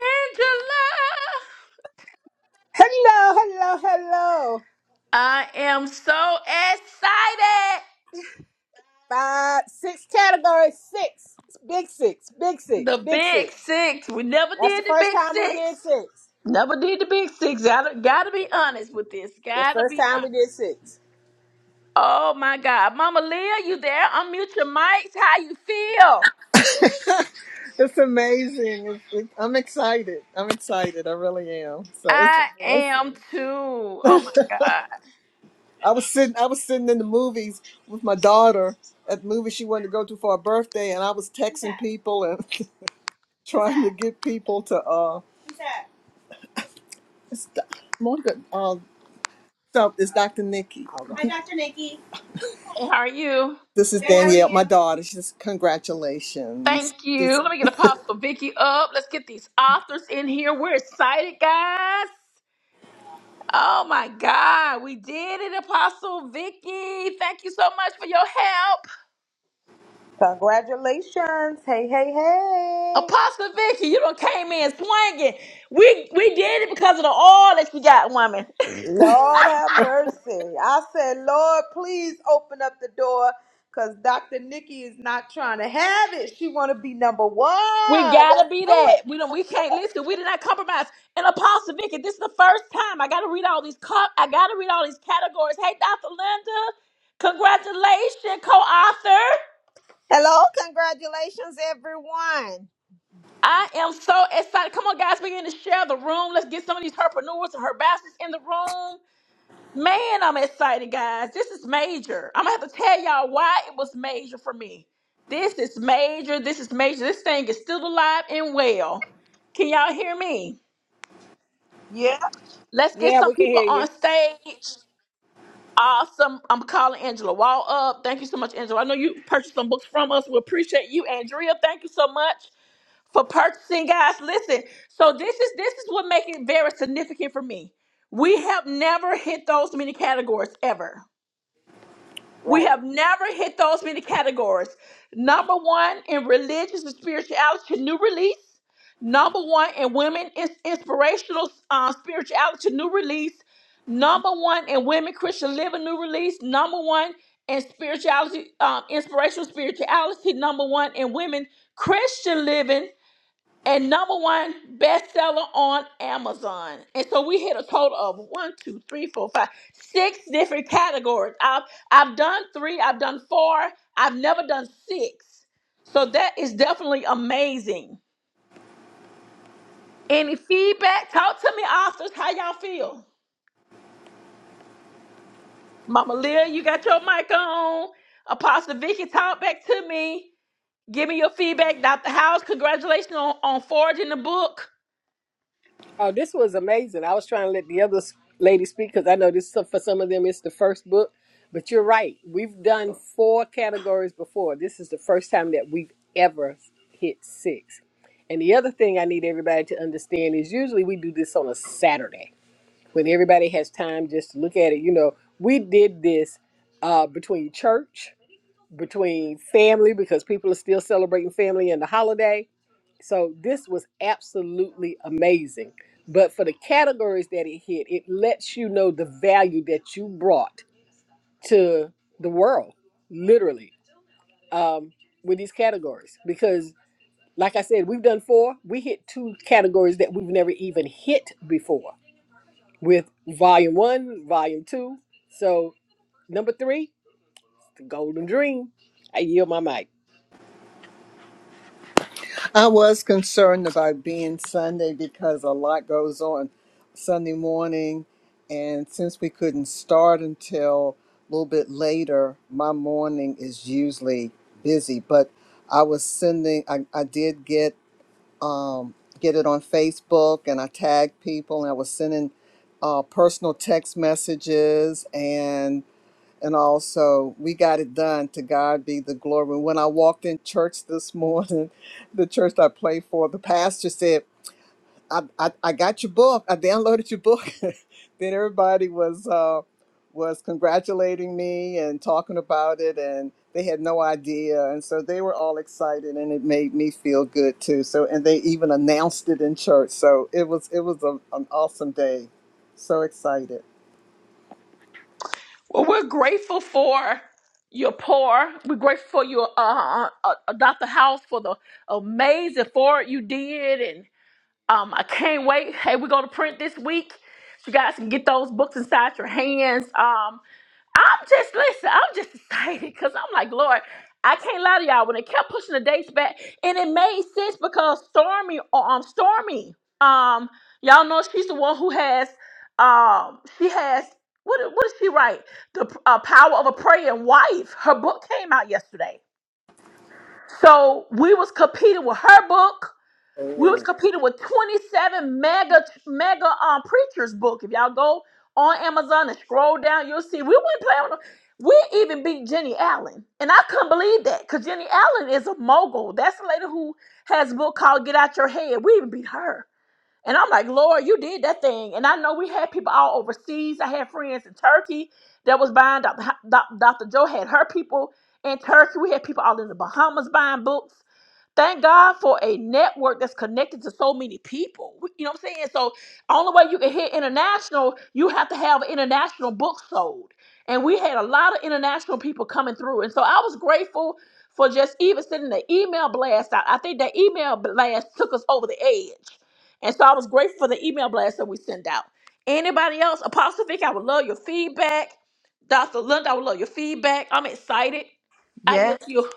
Angela. Hello, hello, hello. I am so excited. Five, six categories, six. Big six, big six, The big big six. six. We never That's the did the first big time we six. did six. Never did the big six. Gotta, gotta be honest with this. The Gotta first be time we did honest. six. Oh my God. Mama Leah, you there? Unmute your mics. How you feel? It's amazing. It's, it, I'm excited. I'm excited. I really am. So it's a I blessing. am too. Oh my God. I was sitting. I was sitting in the movies with my daughter at the movie she wanted to go to for her birthday, and I was texting people and trying to get people to. uh Who's that? It's Do- Monica. Uh, so it's Dr. Nikki. Hold on. Hi, Doctor Nikki. Hey, how are you? This is Hey, how are Danielle, my you? daughter. She says congratulations. Thank you. Let me get Apostle Vicky up. Let's get these authors in here. We're excited, guys. Oh my God, we did it, Apostle Vicky. Thank you so much for your help. Congratulations. Hey, hey, hey. Apostle Vicky, you done came in swinging. We we did it because of the oil that you got, woman. Lord have mercy. I said, Lord, please open up the door because Dr. Nikki is not trying to have it. She want to be number one. We gotta Let's be do that. it. We don't. We can't listen. We did not compromise. And Apostle Vicky, this is the first time I gotta read all these. Co- I gotta read all these categories. Hey, Dr. Linda, congratulations, co-author. Hello, congratulations, everyone. I am so excited. Come on, guys, we begin to share the room. Let's get some of these herpreneurs and herbasses in the room. Man, I'm excited, guys. This is major. I'm gonna have to tell y'all why it was major for me. This is major. This is major. This thing is still alive and well. Can y'all hear me? Yeah. Let's get Yeah, some we can people hear on you. stage. Awesome. I'm calling Angela Wall up. Thank you so much, Angela. I know you purchased some books from us. We appreciate you, Andrea. Thank you so much for purchasing, guys. Listen. So this is this is what makes it very significant for me. We have never hit those many categories ever We Right. have never hit those many categories. Number one in religious and spirituality, new release. Number one in women is inspirational uh, spirituality, new release. Number one in women Christian living, new release. Number one in spirituality, um, inspirational spirituality. Number one in women Christian living and number one bestseller on Amazon. And so we hit a total of one, two, three, four, five, six different categories. I've I've done three, I've done four, I've never done six. So that is definitely amazing. Any feedback? Talk to me, authors. How y'all feel? Mama Leah, you got your mic on. Apostle Vicky, talk back to me. Give me your feedback. Dr. House, congratulations on, on forging the book. Oh, this was amazing. I was trying to let the other s- lady speak because I know this for some of them it's the first book. But you're right. We've done four categories before. This is the first time that we've ever hit six. And the other thing I need everybody to understand is usually we do this on a Saturday when everybody has time just to look at it. You know, we did this uh, between church, between family, because people are still celebrating family and the holiday. So this was absolutely amazing. But for the categories that it hit, it lets you know the value that you brought to the world, literally, um, with these categories. Because, like I said, we've done four, we hit two categories that we've never even hit before with volume one, volume two. So number three, the golden dream. I yield my mic. I was concerned about being Sunday because a lot goes on Sunday morning. And since we couldn't start until a little bit later, my morning is usually busy. But I was sending, I, I did get um, get it on Facebook and I tagged people and I was sending uh, personal text messages and also we got it done to god be the glory when i walked in church this morning the church i play for the pastor said i i, I got your book i downloaded your book then everybody was uh was congratulating me and talking about it and they had no idea and so they were all excited and it made me feel good too so and they even announced it in church so it was it was a, an awesome day so excited Well, we're grateful for your pour. We're grateful for your uh, uh, uh, Dr. House for the amazing forward you did, and um, I can't wait. Hey, we're gonna print this week. So you guys can get those books inside your hands. Um, I'm just listen. I'm just excited because I'm like, Lord, I can't lie to y'all. When it kept pushing the dates back, and it made sense because Stormy, uh, um, Stormy, um, y'all know she's the one who has, um, she has what? What did she write? The uh, power of a praying wife. Her book came out yesterday, so we was competing with her book we was competing with 27 mega mega um preachers book. If y'all go on Amazon and scroll down, you'll see we went playing with them. We even beat Jenny Allen. And I couldn't believe that because Jenny Allen is a mogul. That's the lady who has a book called Get Out Your Head. We even beat her. And I'm like, Lord, you did that thing. And I know we had people all overseas. I had friends in Turkey that was buying. Dr. Ho- Doc- Dr. Joe had her people in Turkey. We had people all in the Bahamas buying books Thank God for a network that's connected to so many people. We- You know what I'm saying? So only way you can hit international, you have to have international books sold. And we had a lot of international people coming through. And so I was grateful for just even sending the email blast out. I think that email blast took us over the edge. And so I was grateful for the email blast that we sent out. Anybody else? Apostle Vic, I would love your feedback. Dr. Linda, I would love your feedback. I'm excited. I yeah. yield to you.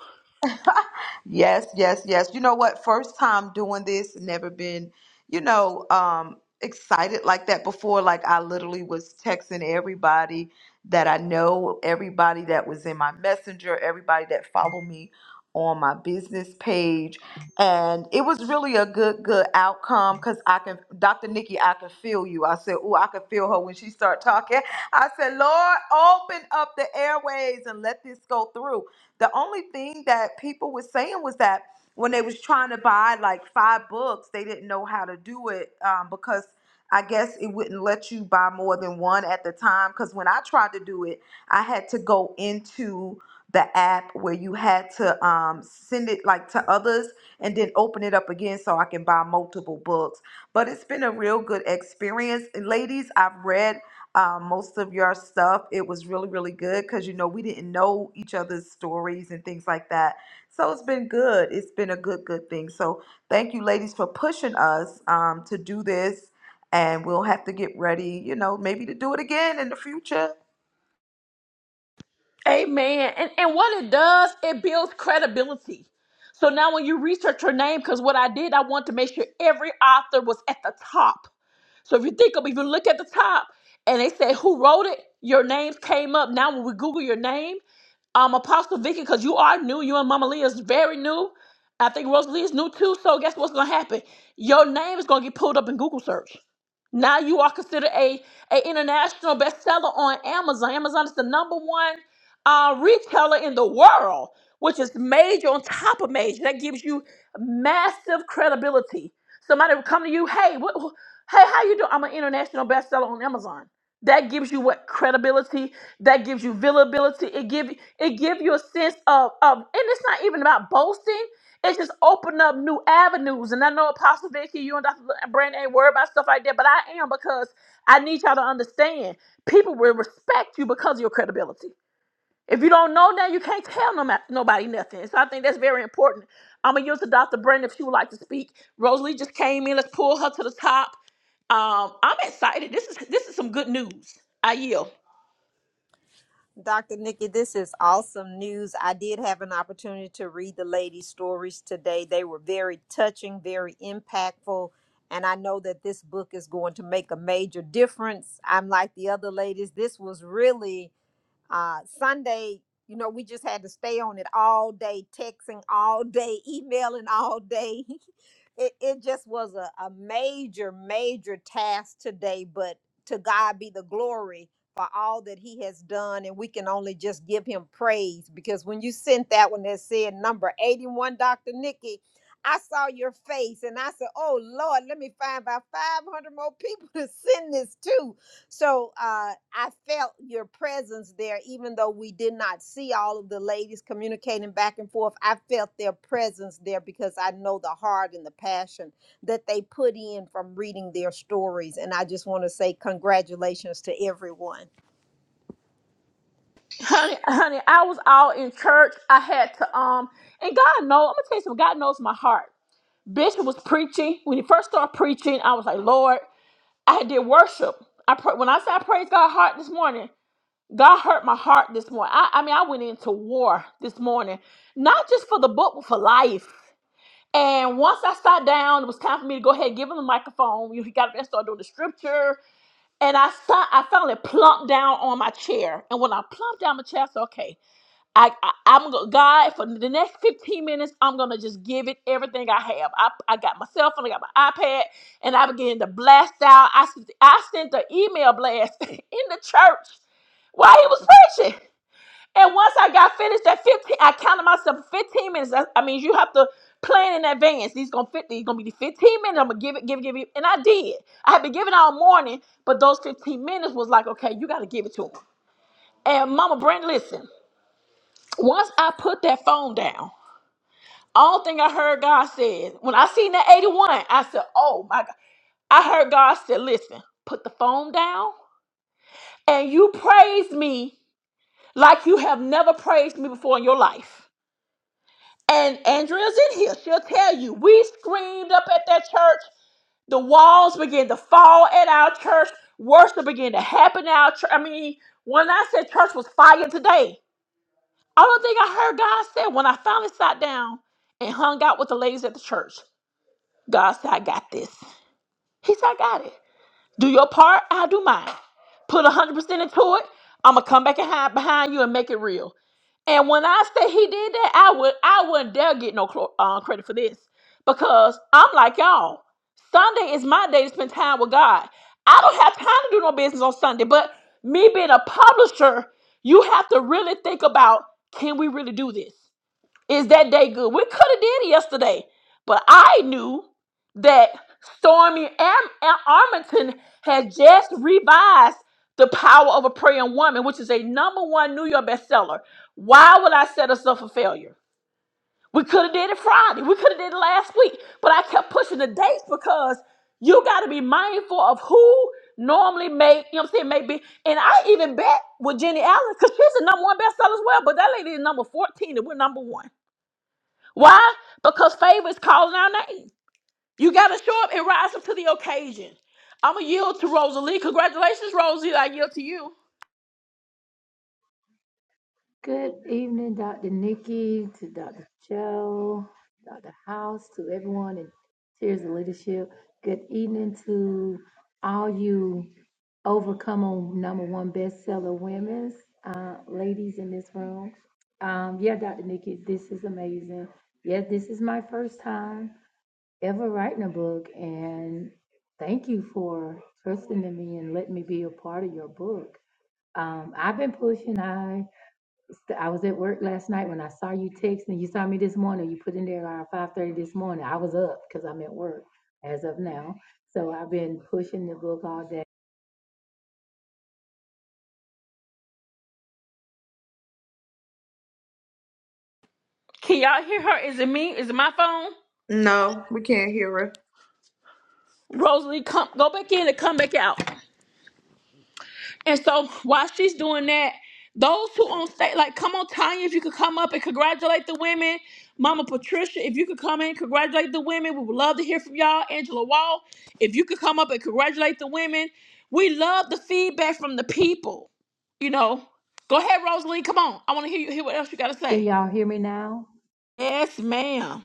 Yes, yes, yes. You know what? First time doing this, never been, you know, um, excited like that before. Like I literally was texting everybody that I know, everybody that was in my messenger, everybody that followed me on my business page. And it was really a good, good outcome because I can Dr. Nikki, I can feel you. I said, Oh, I can feel her when she start talking. I said, Lord, open up the airways and let this go through the only thing that people were saying was that when they was trying to buy like five books, they didn't know how to do it um, because I guess it wouldn't let you buy more than one at the time. Because when I tried to do it, I had to go into the app where you had to um, send it like to others and then open it up again so I can buy multiple books. But it's been a real good experience. And ladies, I've read um, most of your stuff. It was really, really good because, you know, we didn't know each other's stories and things like that. So it's been good. It's been a good, good thing. So thank you, ladies, for pushing us um, to do this. And we'll have to get ready, you know, maybe to do it again in the future. Amen. And and what it does, it builds credibility. So now when you research her name, because what I did, I want to make sure every author was at the top. So if you think of if you look at the top and they say who wrote it, your names came up. Now when we Google your name, um Apostle Vicky, because you are new, you and Mama Leah is very new. I think Rosalie is new too. So guess what's gonna happen? Your name is gonna get pulled up in Google search. Now you are considered a, a international bestseller on Amazon. Amazon is the number one uh, retailer in the world, which is major on top of major. That gives you massive credibility. Somebody will come to you, hey, what, wh- hey, how you doing? I'm an international bestseller on Amazon. That gives you what credibility. That gives you viability. It give it give you a sense of of, and it's not even about boasting. It's just open up new avenues. And I know Apostle Vicky, you and Dr. Brandon ain't worried about stuff like that, but I am because I need y'all to understand. People will respect you because of your credibility. If you don't know that, you can't tell no, nobody nothing. So I think that's very important. I'm gonna yield to Dr. Brandon if she would like to speak. Rosalie just came in. Let's pull her to the top. Um, I'm excited. This is this is some good news. I yield, Dr. Nikki, this is awesome news. I did have an opportunity to read the ladies' stories today. They were very touching, very impactful, and I know that this book is going to make a major difference. I'm like the other ladies, this was really uh sunday you know we just had to stay on it all day texting all day emailing all day it, it just was a, a major major task today but to god be the glory for all that he has done and we can only just give him praise because when you sent that one that said number 81 dr nikki i saw your face and i said oh lord let me find about 500 more people to send this to so uh, I felt your presence there, even though we did not see all of the ladies communicating back and forth. I felt their presence there because I know the heart and the passion that they put in from reading their stories. And I just want to say congratulations to everyone. honey. Honey, I was all in church. I had to um, and God knows. I'm gonna tell you something. God knows my heart. Bishop was preaching when he first started preaching. I was like, Lord, I did worship. I pray, when I said I praise God heart this morning. God hurt my heart this morning. I, I mean, I went into war this morning, not just for the book, but for life. And once I sat down, it was time for me to go ahead and give him the microphone. You know, he got up there and started doing the scripture. And I saw, I finally plumped down on my chair. And when I plumped down my chair, I said, okay, I, I I'm go- God for the next 15 minutes, I'm gonna just give it everything I have. I, I got my cell phone, I got my iPad, and I began to blast out. I sent I sent the email blast in the church while he was preaching. And once I got finished at 15, I counted myself 15 minutes. I, I mean, you have to plan in advance. These gonna fit these gonna be the 15 minutes. I'm gonna give it, give it, give it. And I did. I had been giving all morning, but those 15 minutes was like, okay, you gotta give it to him. And Mama Brent, listen, once I put that phone down, all thing I heard God said, when I seen that 81, I said, oh my God. I heard God said, listen, put the phone down and you praise me like you have never praised me before in your life. And Andrea's in here. She'll tell you. We screamed up at that church. The walls began to fall at our church. Worship began to happen at our church. I mean, when I said church was fire today, I don't think I heard God said when I finally sat down and hung out with the ladies at the church. God said, I got this. He said, I got it. Do your part, I'll do mine. Put 100% into it. I'm going to come back and hide behind you and make it real. And when I say he did that, I would I wouldn't dare get no clo- uh, credit for this because I'm like y'all. Sunday is my day to spend time with God. I don't have time to do no business on Sunday. But me being a publisher, you have to really think about: Can we really do this? Is that day good? We could have did it yesterday, but I knew that Stormy Am- Am- Armington had just revised The Power of a Praying Woman, which is a number one New York bestseller. Why would I set us up for failure? We could have did it Friday. We could have did it last week, but I kept pushing the dates because you got to be mindful of who normally make, you know what I'm saying, maybe. And I even bet with Jenny Allen because she's a number one bestseller as well, but that lady is number 14 and we're number one. Why? Because favor is calling our name. You got to show up and rise up to the occasion. I'm going to yield to Rosalie. Congratulations, Rosalie. I yield to you. Good evening, Dr. Nikki, to Dr. Joe, Dr. House, to everyone in Tears of Leadership. Good evening to all you overcome on number one bestseller women's uh, ladies in this room. Um, yeah, Dr. Nikki, this is amazing. Yeah, this is my first time ever writing a book, and thank you for trusting in me and letting me be a part of your book. Um, I've been pushing. I so, I was at work last night when I saw you text and you saw me this morning. You put in there around five thirty this morning. I was up because I'm at work as of now. So I've been pushing the book all day. Can y'all hear her? Is it me? Is it my phone? No, we can't hear her. Rosalie, come go back in and come back out. And so while she's doing that, those who on stage, like, come on, Tanya, if you could come up and congratulate the women. Mama Patricia, if you could come in, congratulate the women. We would love to hear from y'all. Angela Wall, if you could come up and congratulate the women. We love the feedback from the people. You know, go ahead, Rosalie. Come on. I want to hear you hear what else you got to Can say. y'all hear me now? Yes, ma'am.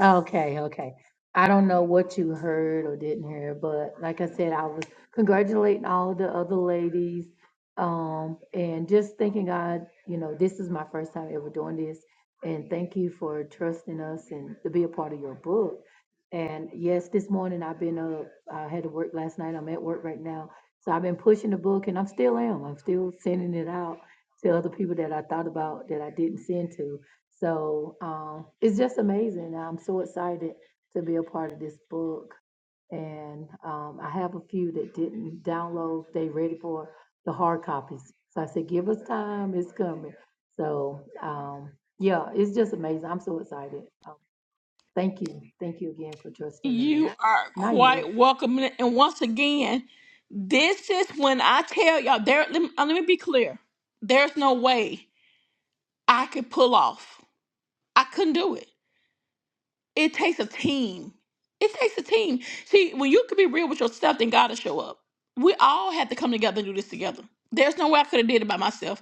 Okay, okay. I don't know what you heard or didn't hear, but like I said, I was congratulating all the other ladies. Um, and just thanking God, you know, this is my first time ever doing this. And thank you for trusting us and to be a part of your book. And yes, this morning I've been up, I had to work last night. I'm at work right now. So I've been pushing the book and I'm still am. I'm still sending it out to other people that I thought about that I didn't send to. So um, it's just amazing. I'm so excited to be a part of this book. And um, I have a few that didn't download, they ready for the hard copies. So I said, give us time, it's coming. So um, yeah, it's just amazing. I'm so excited. Um, thank you. Thank you again for trusting in me. You are Not you. quite welcome. And once again, this is when I tell y'all, there let me, let me be clear. There's no way I could pull off. I couldn't do it. It takes a team. It takes a team. See, when you can be real with yourself, then God will show up. We all have to come together and do this together. There's no way I could have did it by myself.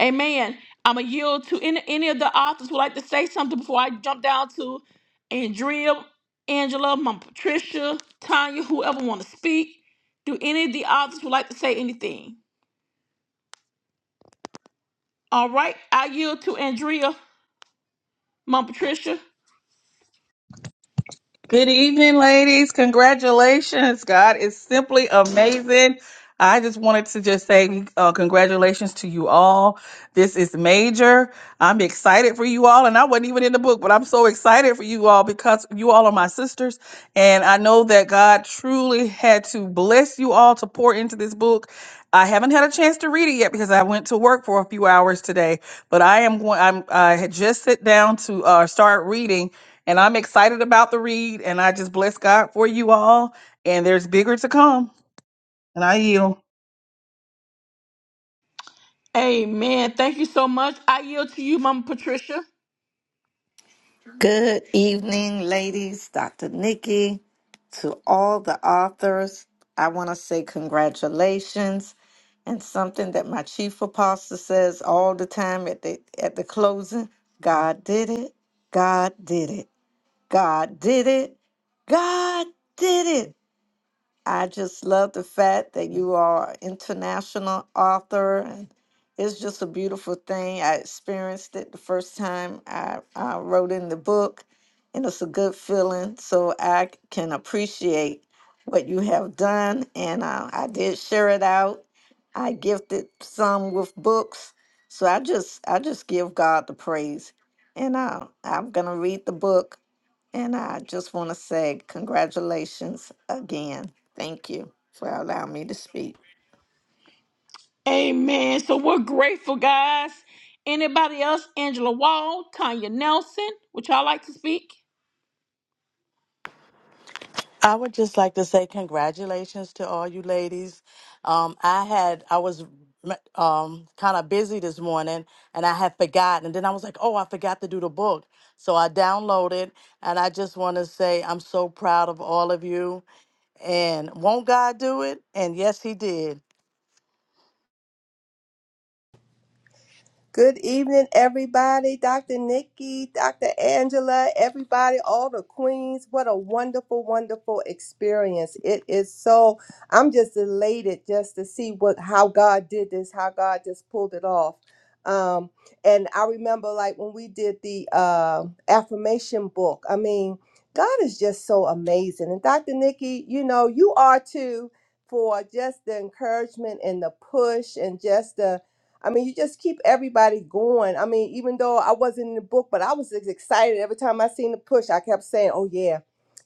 Amen. I'm going to yield to any, any of the authors would like to say something before I jump down to Andrea, Angela, Mom Patricia, Tanya, whoever want to speak. Do any of the authors would like to say anything? All right. I yield to Andrea, Mom Patricia. Good evening, ladies. Congratulations. God is simply amazing. I just wanted to just say uh, congratulations to you all. This is major. I'm excited for you all, and I wasn't even in the book, but I'm so excited for you all because you all are my sisters, and I know that God truly had to bless you all to pour into this book. I haven't had a chance to read it yet because I went to work for a few hours today, but I am going. I'm I had just sit down to uh, start reading, and I'm excited about the read, and I just bless God for you all. And there's bigger to come. And I yield. Amen. Thank you so much. I yield to you, Mama Patricia. Good evening, ladies, Dr. Nikki, to all the authors. I want to say congratulations and something that my chief apostle says all the time at the at the closing, God did it. God did it. God did it. God did it. I just love the fact that you are an international author and it's just a beautiful thing. I experienced it the first time I, I wrote in the book and it's a good feeling. So I c- can appreciate what you have done and uh, I did share it out. I gifted some with books. So I just I just give God the praise. And uh, I'm gonna read the book and I just want to say congratulations again. Thank you for allowing me to speak. Amen. So we're grateful, guys. Anybody else? Angela Wall, Tanya Nelson, would y'all like to speak? I would just like to say congratulations to all you ladies. Um, I had I was um, kind of busy this morning, and I had forgotten. And then I was like, "Oh, I forgot to do the book," so I downloaded. And I just want to say I'm so proud of all of you. And won't God do it? And yes, He did. Good evening, everybody. Dr. Nikki, Dr. Angela, everybody, all the queens. What a wonderful, wonderful experience. It is so, I'm just elated just to see what, how God did this, how God just pulled it off. Um, and I remember like when we did the uh, affirmation book, I mean, God is just so amazing. And Dr. Nikki, you know, you are too for just the encouragement and the push and just the, I mean, you just keep everybody going. I mean, even though I wasn't in the book, but I was ex- excited every time I seen the push. I kept saying, "Oh yeah,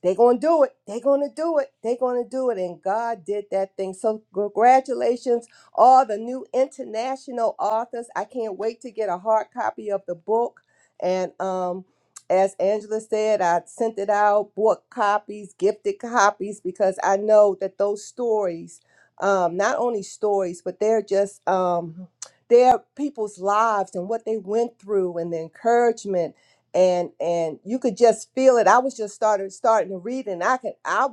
they are gonna do it. They are gonna do it. They are gonna do it." And God did that thing. So congratulations, all the new international authors. I can't wait to get a hard copy of the book. And um, as Angela said, I sent it out, bought copies, gifted copies, because I know that those stories um, not only stories, but they're just um, their people's lives and what they went through and the encouragement and and you could just feel it. I was just started starting to read and I could I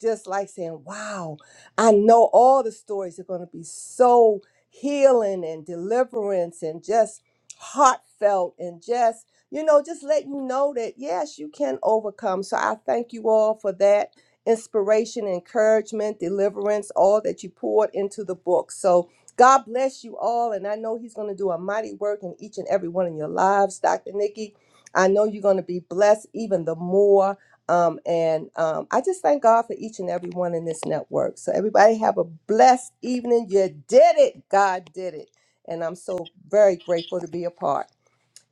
just like saying, wow, I know all the stories are going to be so healing and deliverance and just heartfelt and just you know just let you know that yes you can overcome so i thank you all for that inspiration encouragement deliverance all that you poured into the book so God bless you all. And I know He's going to do a mighty work in each and every one of your lives, Dr. Nikki. I know you're going to be blessed even the more. Um, and um, I just thank God for each and every one in this network. So, everybody, have a blessed evening. You did it. God did it. And I'm so very grateful to be a part.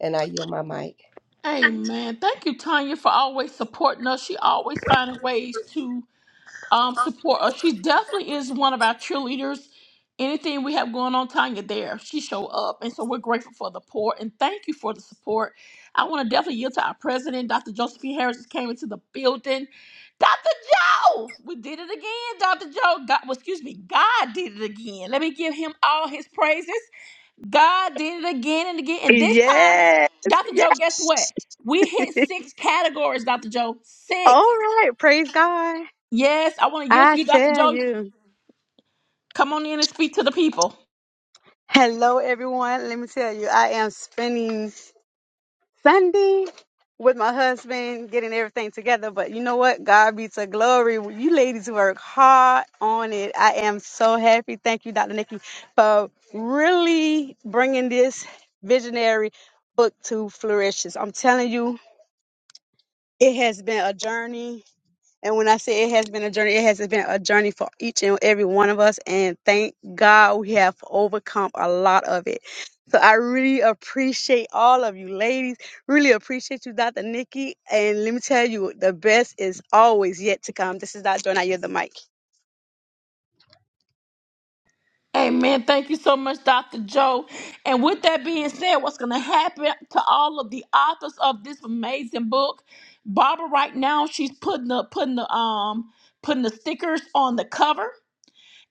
And I yield my mic. Amen. Thank you, Tanya, for always supporting us. She always finding ways to um support us. She definitely is one of our cheerleaders. Anything we have going on, Tanya, there she show up, and so we're grateful for the poor and thank you for the support. I want to definitely yield to our president, Dr. Josephine Harris, just came into the building. Dr. Joe, we did it again, Dr. Joe. God, well, excuse me, God did it again. Let me give him all his praises. God did it again and again, and this time, Yes, Dr. Joe, guess what? yes. We hit six categories, Dr. Joe. All Six. right, praise God. Yes, I want to yield to I you, Dr. tell Joe. you. Come on in and speak to the people. Hello, everyone. Let me tell you, I am spending Sunday with my husband, getting everything together. But you know what? God be to glory. You ladies work hard on it. I am so happy. Thank you, Dr. Nikki, for really bringing this visionary book to flourishes. I'm telling you, it has been a journey And when I say it has been a journey, it has been a journey for each and every one of us. And thank God we have overcome a lot of it. So I really appreciate all of you ladies. Really appreciate you, Dr. Nikki. And let me tell you, the best is always yet to come. This is Dr. Joy, and I yield the mic. Amen. Thank you so much, Dr. Joe. And with that being said, what's going to happen to all of the authors of this amazing book? Barbara, right now, she's putting the putting the um putting the stickers on the cover.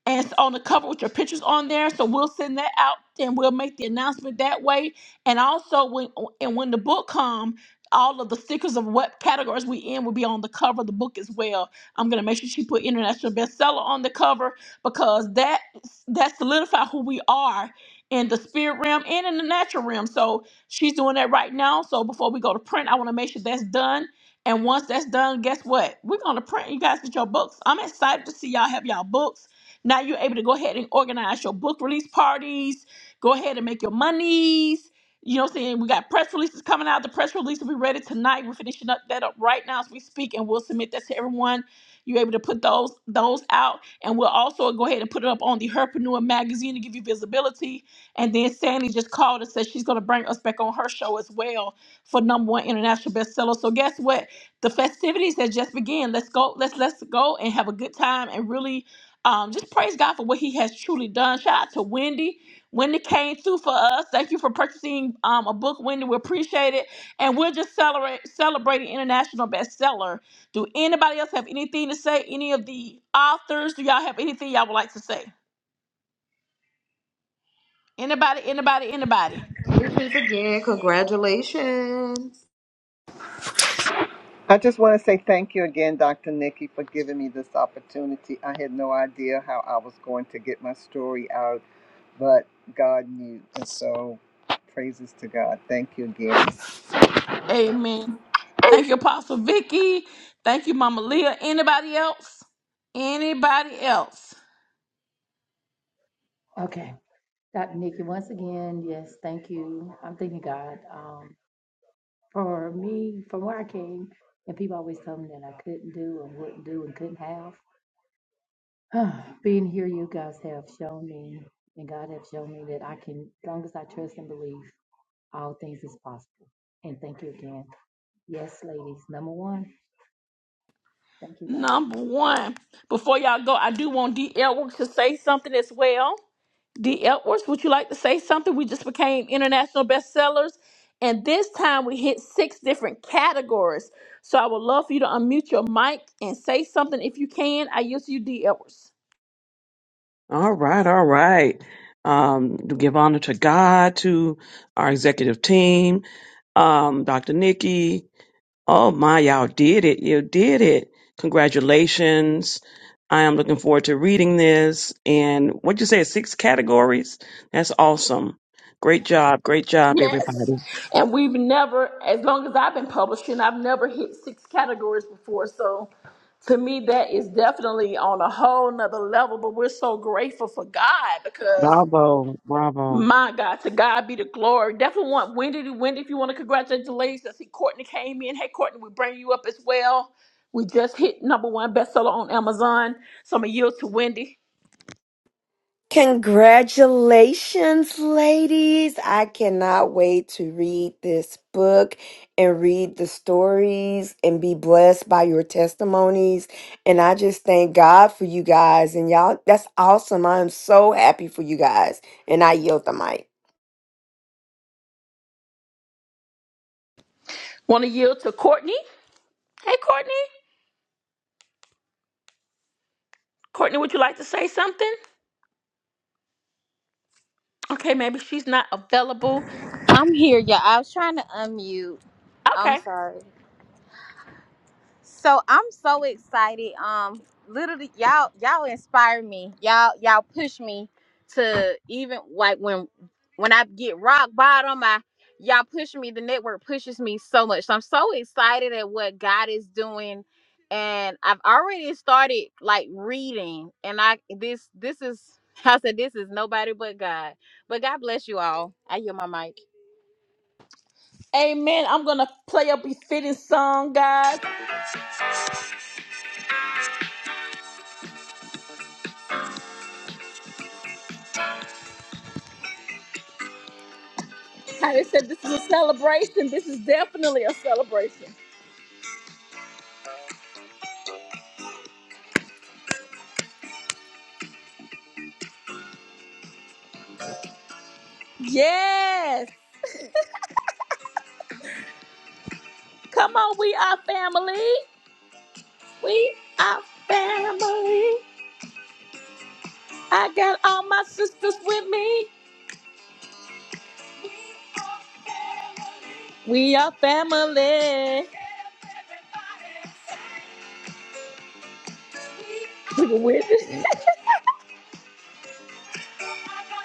and it's on the cover with your pictures on there. So we'll send that out and we'll make the announcement that way. And also when and when the book come, all of the stickers of what categories we in will be on the cover of the book as well. I'm gonna make sure she put international bestseller on the cover because that that solidify who we are in the spirit realm and in the natural realm. So she's doing that right now. So before we go to print, I want to make sure that's done. And once that's done, guess what? We're gonna print you guys with your books. I'm excited to see y'all have y'all books. Now you're able to go ahead and organize your book release parties, go ahead and make your monies. You know what I'm saying? We got press releases coming out. The press release will be ready tonight. We're finishing up that up right now as we speak, and we'll submit that to everyone. You're able to put those those out, and we'll also go ahead and put it up on the Herpreneur magazine to give you visibility. And then Sandy just called and said she's going to bring us back on her show as well for number one international bestseller. So guess what? The festivities that just began. Let's go. Let's let's go and have a good time and really um, just praise God for what He has truly done. Shout out to Wendy. Wendy came through for us. Thank you for purchasing um, a book, Wendy. We appreciate it. And we're just celebrate, celebrating international bestseller. Do anybody else have anything to say? Any of the authors? Do y'all have anything y'all would like to say? Anybody, anybody, anybody? Again, congratulations. I just want to say thank you again, Dr. Nikki, for giving me this opportunity. I had no idea how I was going to get my story out, but God knew. And so, praises to God. Thank you again. Amen. Thank you, Apostle Vicky. Thank you, Mama Leah. Anybody else? Anybody else? Okay. Dr. Nikki, once again, yes, thank you. I'm thanking God. Um, For me, from where I came, and people always told me that I couldn't do and wouldn't do and couldn't have. Being here, you guys have shown me, and God have shown me that I can, as long as I trust and believe, all things is possible. And thank you again. Yes, ladies. Number one, thank you, God. Number one. Before y'all go, I do want D. Edwards to say something as well. D. Edwards, would you like to say something? We just became international bestsellers, and this time we hit six different categories. So I would love for you to unmute your mic and say something if you can. I use you, D. Edwards. All right, all right. Um, to give honor to God, to our executive team, um, Dr. Nikki. Oh my, y'all did it. You did it. Congratulations. I am looking forward to reading this. And what would you say, six categories? That's awesome. Great job. Great job, Yes. everybody. And we've never, as long as I've been publishing, I've never hit six categories before. So to me that is definitely on a whole nother level but we're so grateful for god because Bravo. Bravo. My God, to God be the glory. Definitely want Wendy. Wendy, if you want to congratulate the ladies, I see Courtney came in. Hey, Courtney, we bring you up as well. We just hit number one bestseller on Amazon. So I'm gonna yield to Wendy. Congratulations, ladies. I cannot wait to read this book and read the stories and be blessed by your testimonies. And I just thank God for you guys. And y'all, that's awesome. I am so happy for you guys. And I yield the mic. Want to yield to Courtney? Hey, Courtney. Courtney, would you like to say something? Okay, maybe she's not available. I'm here, y'all. I was trying to unmute. I'm Okay. sorry. So I'm so excited. Um, literally, y'all, y'all inspire me. Y'all, y'all push me to even like when when I get rock bottom. I y'all push me. The network pushes me so much. So I'm so excited at what God is doing, and I've already started like reading. And I this this is I said this is nobody but God. But God bless you all. I hear my mic. Amen. I'm gonna play a befitting song, guys. How they said this is a celebration. This is definitely a celebration. Yes. Come on, we are family. We are family. I got all my sisters with me. We are family. We can win this.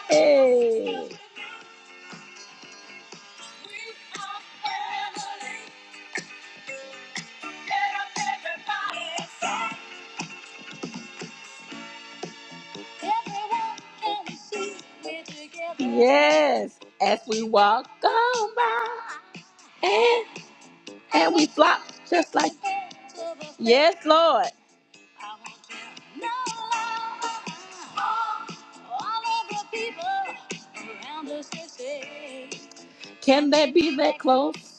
Hey. Yes, as we walk on by and, and we flop just like. Yes, Lord. Can they be that close?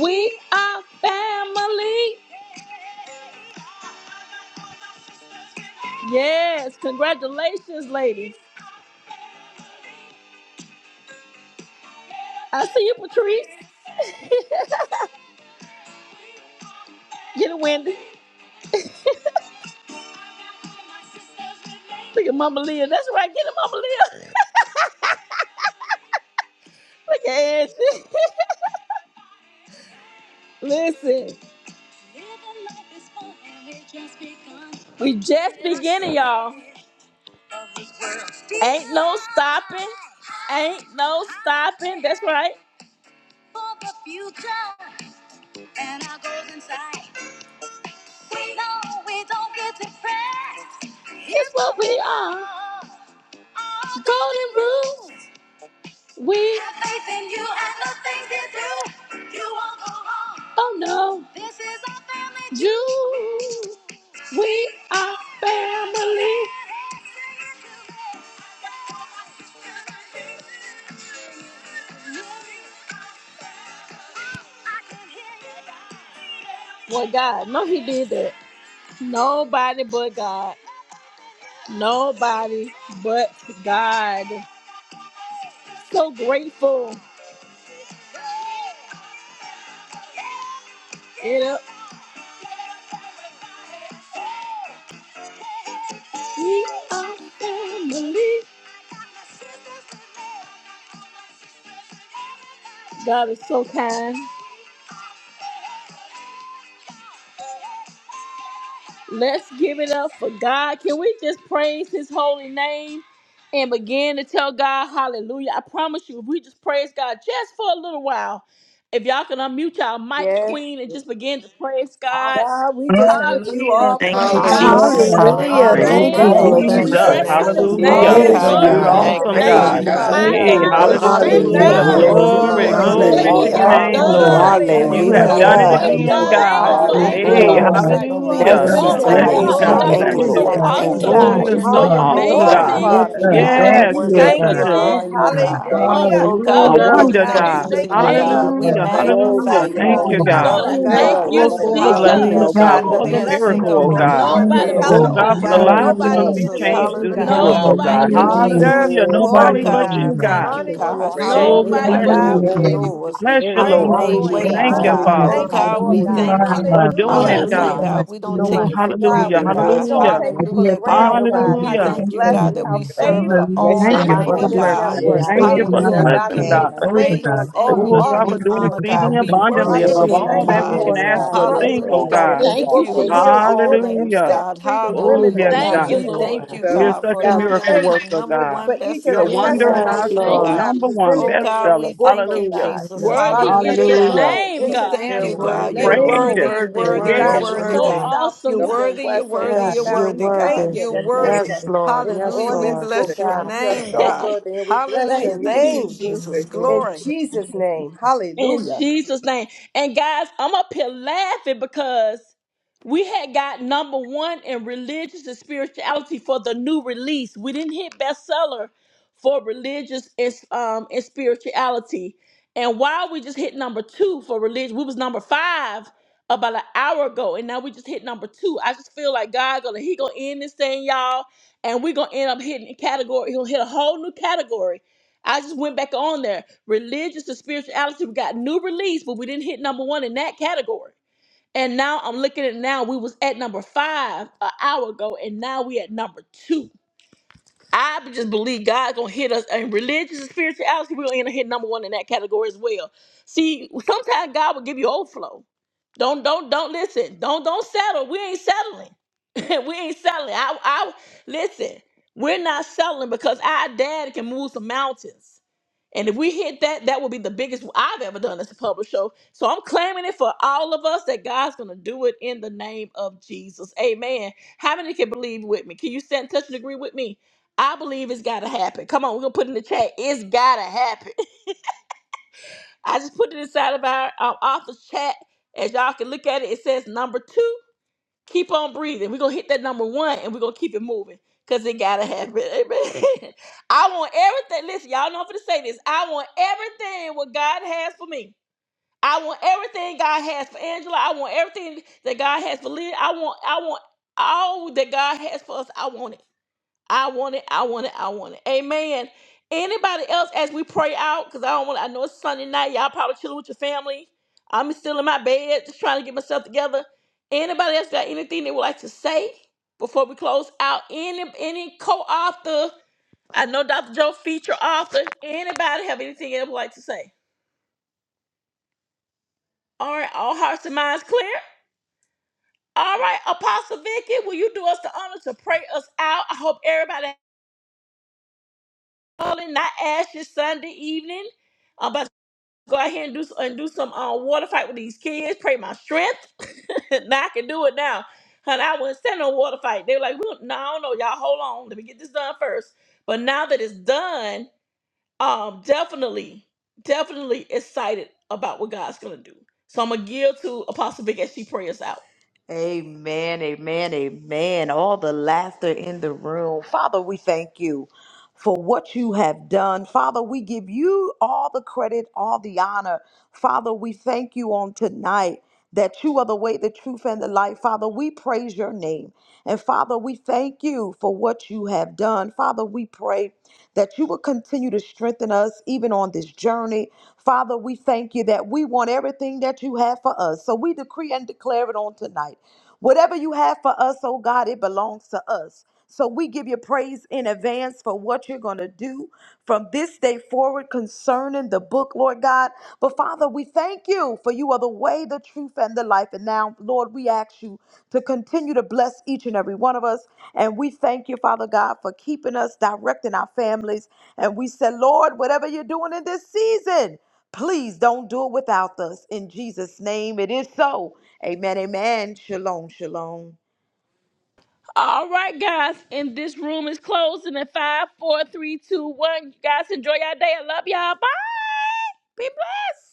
We are family. Yes, congratulations, ladies. I see you, Patrice. Get it, Wendy. Look at Mama Leah. That's right. Get it, Mama Leah. Look at Ashley. Listen. We just beginning, y'all. Ain't no stopping. Ain't no stopping. That's right. It's what we are. Golden rules. We have faith in you and the things you do. You won't go wrong. Oh no. This is our family. Jewel. We are family. Boy, God, no, he did that. Nobody but God. Nobody but God. So grateful. It up. We are family. God is so kind. Let's give it up for God. Can we just praise his holy name and begin to tell God hallelujah? I promise you, if we just praise God just for a little while, if y'all can unmute y'all mics, Yes. Queen, and just begin to praise God. God, we Hallelujah. just give you Hallelujah. Hallelujah. all Thank Thank you, Hallelujah. you, praise, God, Lord we Jesus. glory, and Lord, we God. Hallelujah. praise You Hallelujah. are your praise honor. Hallelujah. so Thank Thank you, you, you, name. Hallelujah. We Lord awesome. We bless Jesus. your Hallelujah. magnify Jesus. you. reference name. We your You Yes, Hallelujah. Hallelujah. did, name. Praise glorify God. you, Lord, you. God. Nobody You're We we You lift Yes, God. did Hallelujah. your it awesome, but are You name God. Praise are on magnify you, you, God. You are you. awesome Father God. and high, Thank grateful. Hey, you, We God. holy. You're God. awesome. We Lord. grateful Yes, to just worship Jesus. We you. thank you, I love you and We God. hallelujah. thank you, Hallelujah. God Hallelujah. adore Yes, you, Jesus. Glory, Lord. We Lord. Thank Hallelujah. for give We you, you praise what glory thank all he to Lord. the you, your Hallelujah. has Hallelujah. honor, God, name, for Awesome, all you. Glory. the just Lord. glory, God. done. You Hallelujah. making all the Thank are You praise. ways God, have out Hallelujah. Lord, of done it no Thank we God. Hallelujah. you, praise ways. your again, You Lord. go God, we How God. name just far for you hallelujah. Yes, You're yes, yes, thank open good, you, beyond, Hey, Mm. another. Hallelujah. far Lord doors God. that God. beyond, no You hallelujah. You are man far the Oh, can never hallelujah. beyond, God. Thank center cease Oh shut, of to my and you, Bless our Thank how God. you you, you. God, Lord. amaze oh Hallelujah. We You me. give did joy. God. it. God, shut you're Thank Bless you, just Everything doors You praise, that so did you. this, we that Lord. God. Hallelujah. no do, Thank Father man you, awesome. God. can Oh, God, Praise You're you're Lord. open. your is for so so You Hallelujah. your name, Oh, stretch awesome, us Lord. God, glory, I Awesome more God. Hallelujah. amazing. every Yes, God. time love Praise you, Father. you your You're God. God. so I Thank God. Yes, We you, stretch us you're Lord worship faith. thank you. such God. you, Yes, I You a, are Thank magnificent. honor Lord. you, you, Jesus. awesome God. We God. thank God. Oh you, my Hallelujah. Oh, Jesus. God, What God, a we Lord, Hallelujah. we it Hallelujah. Oh give wonder, just is. God, we thanks praise God. your Hallelujah. unto thank you you, for name. the Hallelujah, God. We Hallelujah. Hallelujah. God. Thank the Glory to magnify Hallelujah. you, you, blessing you. Thank Thank of Lord. you, the God. you, We God. God. Lord, love I network, you, You Oh, God, Thank are the thank Hallelujah. God. Glory, you, Oh, you, blessing glory, for awesome, of the the glory, God. God. blessing, Habaria glory. glory, people, oh Jesus. Thank God, God, you, glory, the for Hallelujah. the Shandaria Jesus. glory. Thank Yes, blessing Thank you. miracle, of you, Seko the oh Lord. Bo Lord. number God. Thank one you, Thank Yes, Nobody you, Yes, but Lord. Lord. Oh seller, Lord. you, God. Thank God, oh God. for you, the yes, Lord. God. Thank Glory, you, lives that are yes, going to Nobody glory, be Hallelujah. did it Jesus. but We changed glory. you, give through yes. you this Hallelujah, God. book, oh God. glory. We Nobody God. Thank give Hallelujah, you, You you but you, honor. God. God. deserve Jesus. We Hallelujah. the give you Yes, Nobody Oh Nobody glory, but praise, but God, Lord, we you, Lord God. you, There's We God. God, no thank God. you, honor because one you you God. this are greater so day. Oh, we Hallelujah. than you. Nobody worthy How bless to you but be God, you. Hallelujah, we you. opened Only give you God. praised. yes. you could doors, do this. Bless There you, is how you praise, Nobody Lord. Oh, none Only but made we glory, you, you, like and thank God. you, Thank you, ways, You honor. you, God. Lord Only We God. you. God. Father, Oh thank none you, bless God, Lord we before You Hallelujah. your you, God. name. thank are none you. for our after you. doing Lord, God. Hallelujah. it, I Yes, We Hallelujah, thank God. Hallelujah. you. Thank God. thank Jesus. We you, don't you, Oh, take Jesus. Nobody you can for Lord hold God, hallelujah. we us granted, God. like take, we Yes, God. you don't can. Father Hallelujah. God. take Nobody, it If for you have Hallelujah, said God. all granted, we nobody can, God, We we how can say give Hallelujah. you us thank thank you, Thank you, bless God, Lord clarity and of that you, we how God. thought like God. serve you an favor can. Bless Thank your Hallelujah, Thank, you is for name, the almighty Nobody on this Father. can God. Yes, lead blessing. network. Yes, God Thank Lord. Favor Jesus. you like on for Favors my this the Yes, Hallelujah. on God life, We Dr. blessing, God. give Lord. path you Nikki. God. like you Favor, favor can, God. on praise Lord all and the God. we Oh, Favor, God, give for authors, you favor, doing He's Lord honor, favor, We God. exceeding God. God. give We you abundantly Father, honor, Yes, worship we we above Yes, give you, God. all you thank Lord. that you, we God. can Lord glory, Yes, and ask God. we God. or so give you Yes, Hallelujah, think, Hallelujah, oh God. Lord. praise God. that God. We this Yes, because God. thank you lift you, book you are will This above heal, Jesus. so all worthy. deliver, is and names, Hallelujah. set God. free the Oh, women, Hallelujah. oh yes, delivered, God, You're Thank Hallelujah. God. you, in We the worthy Lord. of thank name of us. you, set on You're Jesus, God, such for free, a Lord. God. allowing We them miracle to thank you come worker, In number the name God. for one each of You're a the bestseller Yes, wonder in Yes, Lord. our testimonies, international, soul. oh Thank you, Lord. God, God. Number Jesus. one Oh, presented in this God, bestseller. we book, thank oh you, Hallelujah. of Jesus, God. We Jesus. God. love you, Worthy Father, Lord. let is Hallelujah, it your God. Hallelujah. go name, We So God. thank You're you, We honor internationally. God. you, worthy, Let You're it Lord. Lord. go worthy, Praises. you're Worthy, no one, And we worthy, you're Yes. Lord, God, worthy, bless from you're your the worthy, there's so north, worthy. God. name. south, You're awesome, no one east, God. and worthy, you're west, oh worthy, God. you're Yes, God, you're we worthy, thank God. worthy. you You're You're that worthy. Yes, favor amazing, Lord. is Yes, Hallelujah. on We Lord. this book, that you're bless your God. powerful, You are name, God. so God. worthy, and we bless thank Hallelujah. your you you, Thank you, name just Jesus. Jesus. You're thank you. in Glory. Jesus' worthy. name. In Hallelujah. Jesus' name. And guys, I'm up here laughing because we had got number one in religious and spirituality for the new release. We didn't hit bestseller for religious and, um, and spirituality. And while we just hit number two for religion, we was number five about an hour ago, and now we just hit number two. I just feel like God gonna he gonna end this thing, y'all, and we gonna end up hitting a category. He'll hit a whole new category I just went back on there. Religious to spirituality, we got new release, but we didn't hit number one in that category. And now I'm looking at it now. We was at number five an hour ago, and now we at number two. I just believe God's gonna hit us in religious and spirituality. We're gonna hit number one in that category as well. See, sometimes God will give you overflow. Don't don't don't listen. Don't don't settle. We ain't settling. we ain't settling. I I listen. We're not settling because our dad can move some mountains. And if we hit that, that will be the biggest I've ever done as a public show. So I'm claiming it for all of us that God's gonna do it in the name of Jesus. Amen. How many can believe with me? Can you stand, touch, and agree with me? I believe it's gotta happen. Come on, we're gonna put in the chat. It's gotta happen. I just put it inside of our, our office chat. As y'all can look at it, it says number two, keep on breathing. We're going to hit that number one and we're going to keep it moving because it got to happen. Amen. I want everything. Listen, y'all know I'm going to say this. I want everything what God has for me. I want everything God has for Angela. I want everything that God has for Leah. I want, I want all that God has for us. I want it. I want it. I want it. I want it. Amen. Anybody else as we pray out? Because I don't want I know it's Sunday night. Y'all probably chilling with your family. I'm still in my bed, just trying to get myself together. Anybody else got anything they would like to say before we close out? Any any co-author? I know Dr. Joe feature author. Anybody have anything they would like to say? All right, all hearts and minds clear. All right, Apostle Vicky, will you do us the honor to pray us out? I hope everybody had a holy, not ashes Sunday evening. Um, by go out here and do s- and do some uh, water fight with these kids. Pray my strength. now I can do it now. And I wouldn't stand no water fight. They were like, we, no, I y'all. Hold on, let me get this done first." But now that it's done, um, definitely, definitely excited about what God's gonna do. So I'm gonna give to Apostle Vic as she prays out. Amen, amen, amen. All the laughter in the room. Father, we thank you for what you have done. Father, we give you all the credit, all the honor. Father, we thank you on tonight that you are the way, the truth, and the light. Father, we praise your name. And Father, we thank you for what you have done. Father, we pray that you will continue to strengthen us even on this journey. Father, we thank you that we want everything that you have for us. So we decree and declare it on tonight Whatever you have for us, oh God, it belongs to us. So we give you praise in advance for what you're going to do from this day forward concerning the book, Lord God. But Father, we thank you for you are the way, the truth, and the life. And now, Lord, we ask you to continue to bless each and every one of us. And we thank you, Father God, for keeping us, directing our families. And we said, Lord, whatever you're doing in this season, please don't do it without us. In Jesus' name, it is so. Amen. Amen. Shalom. Shalom. All right, guys. And this room is closing in five, four, three, two, one. You guys enjoy your day. I love y'all. Bye. Be blessed.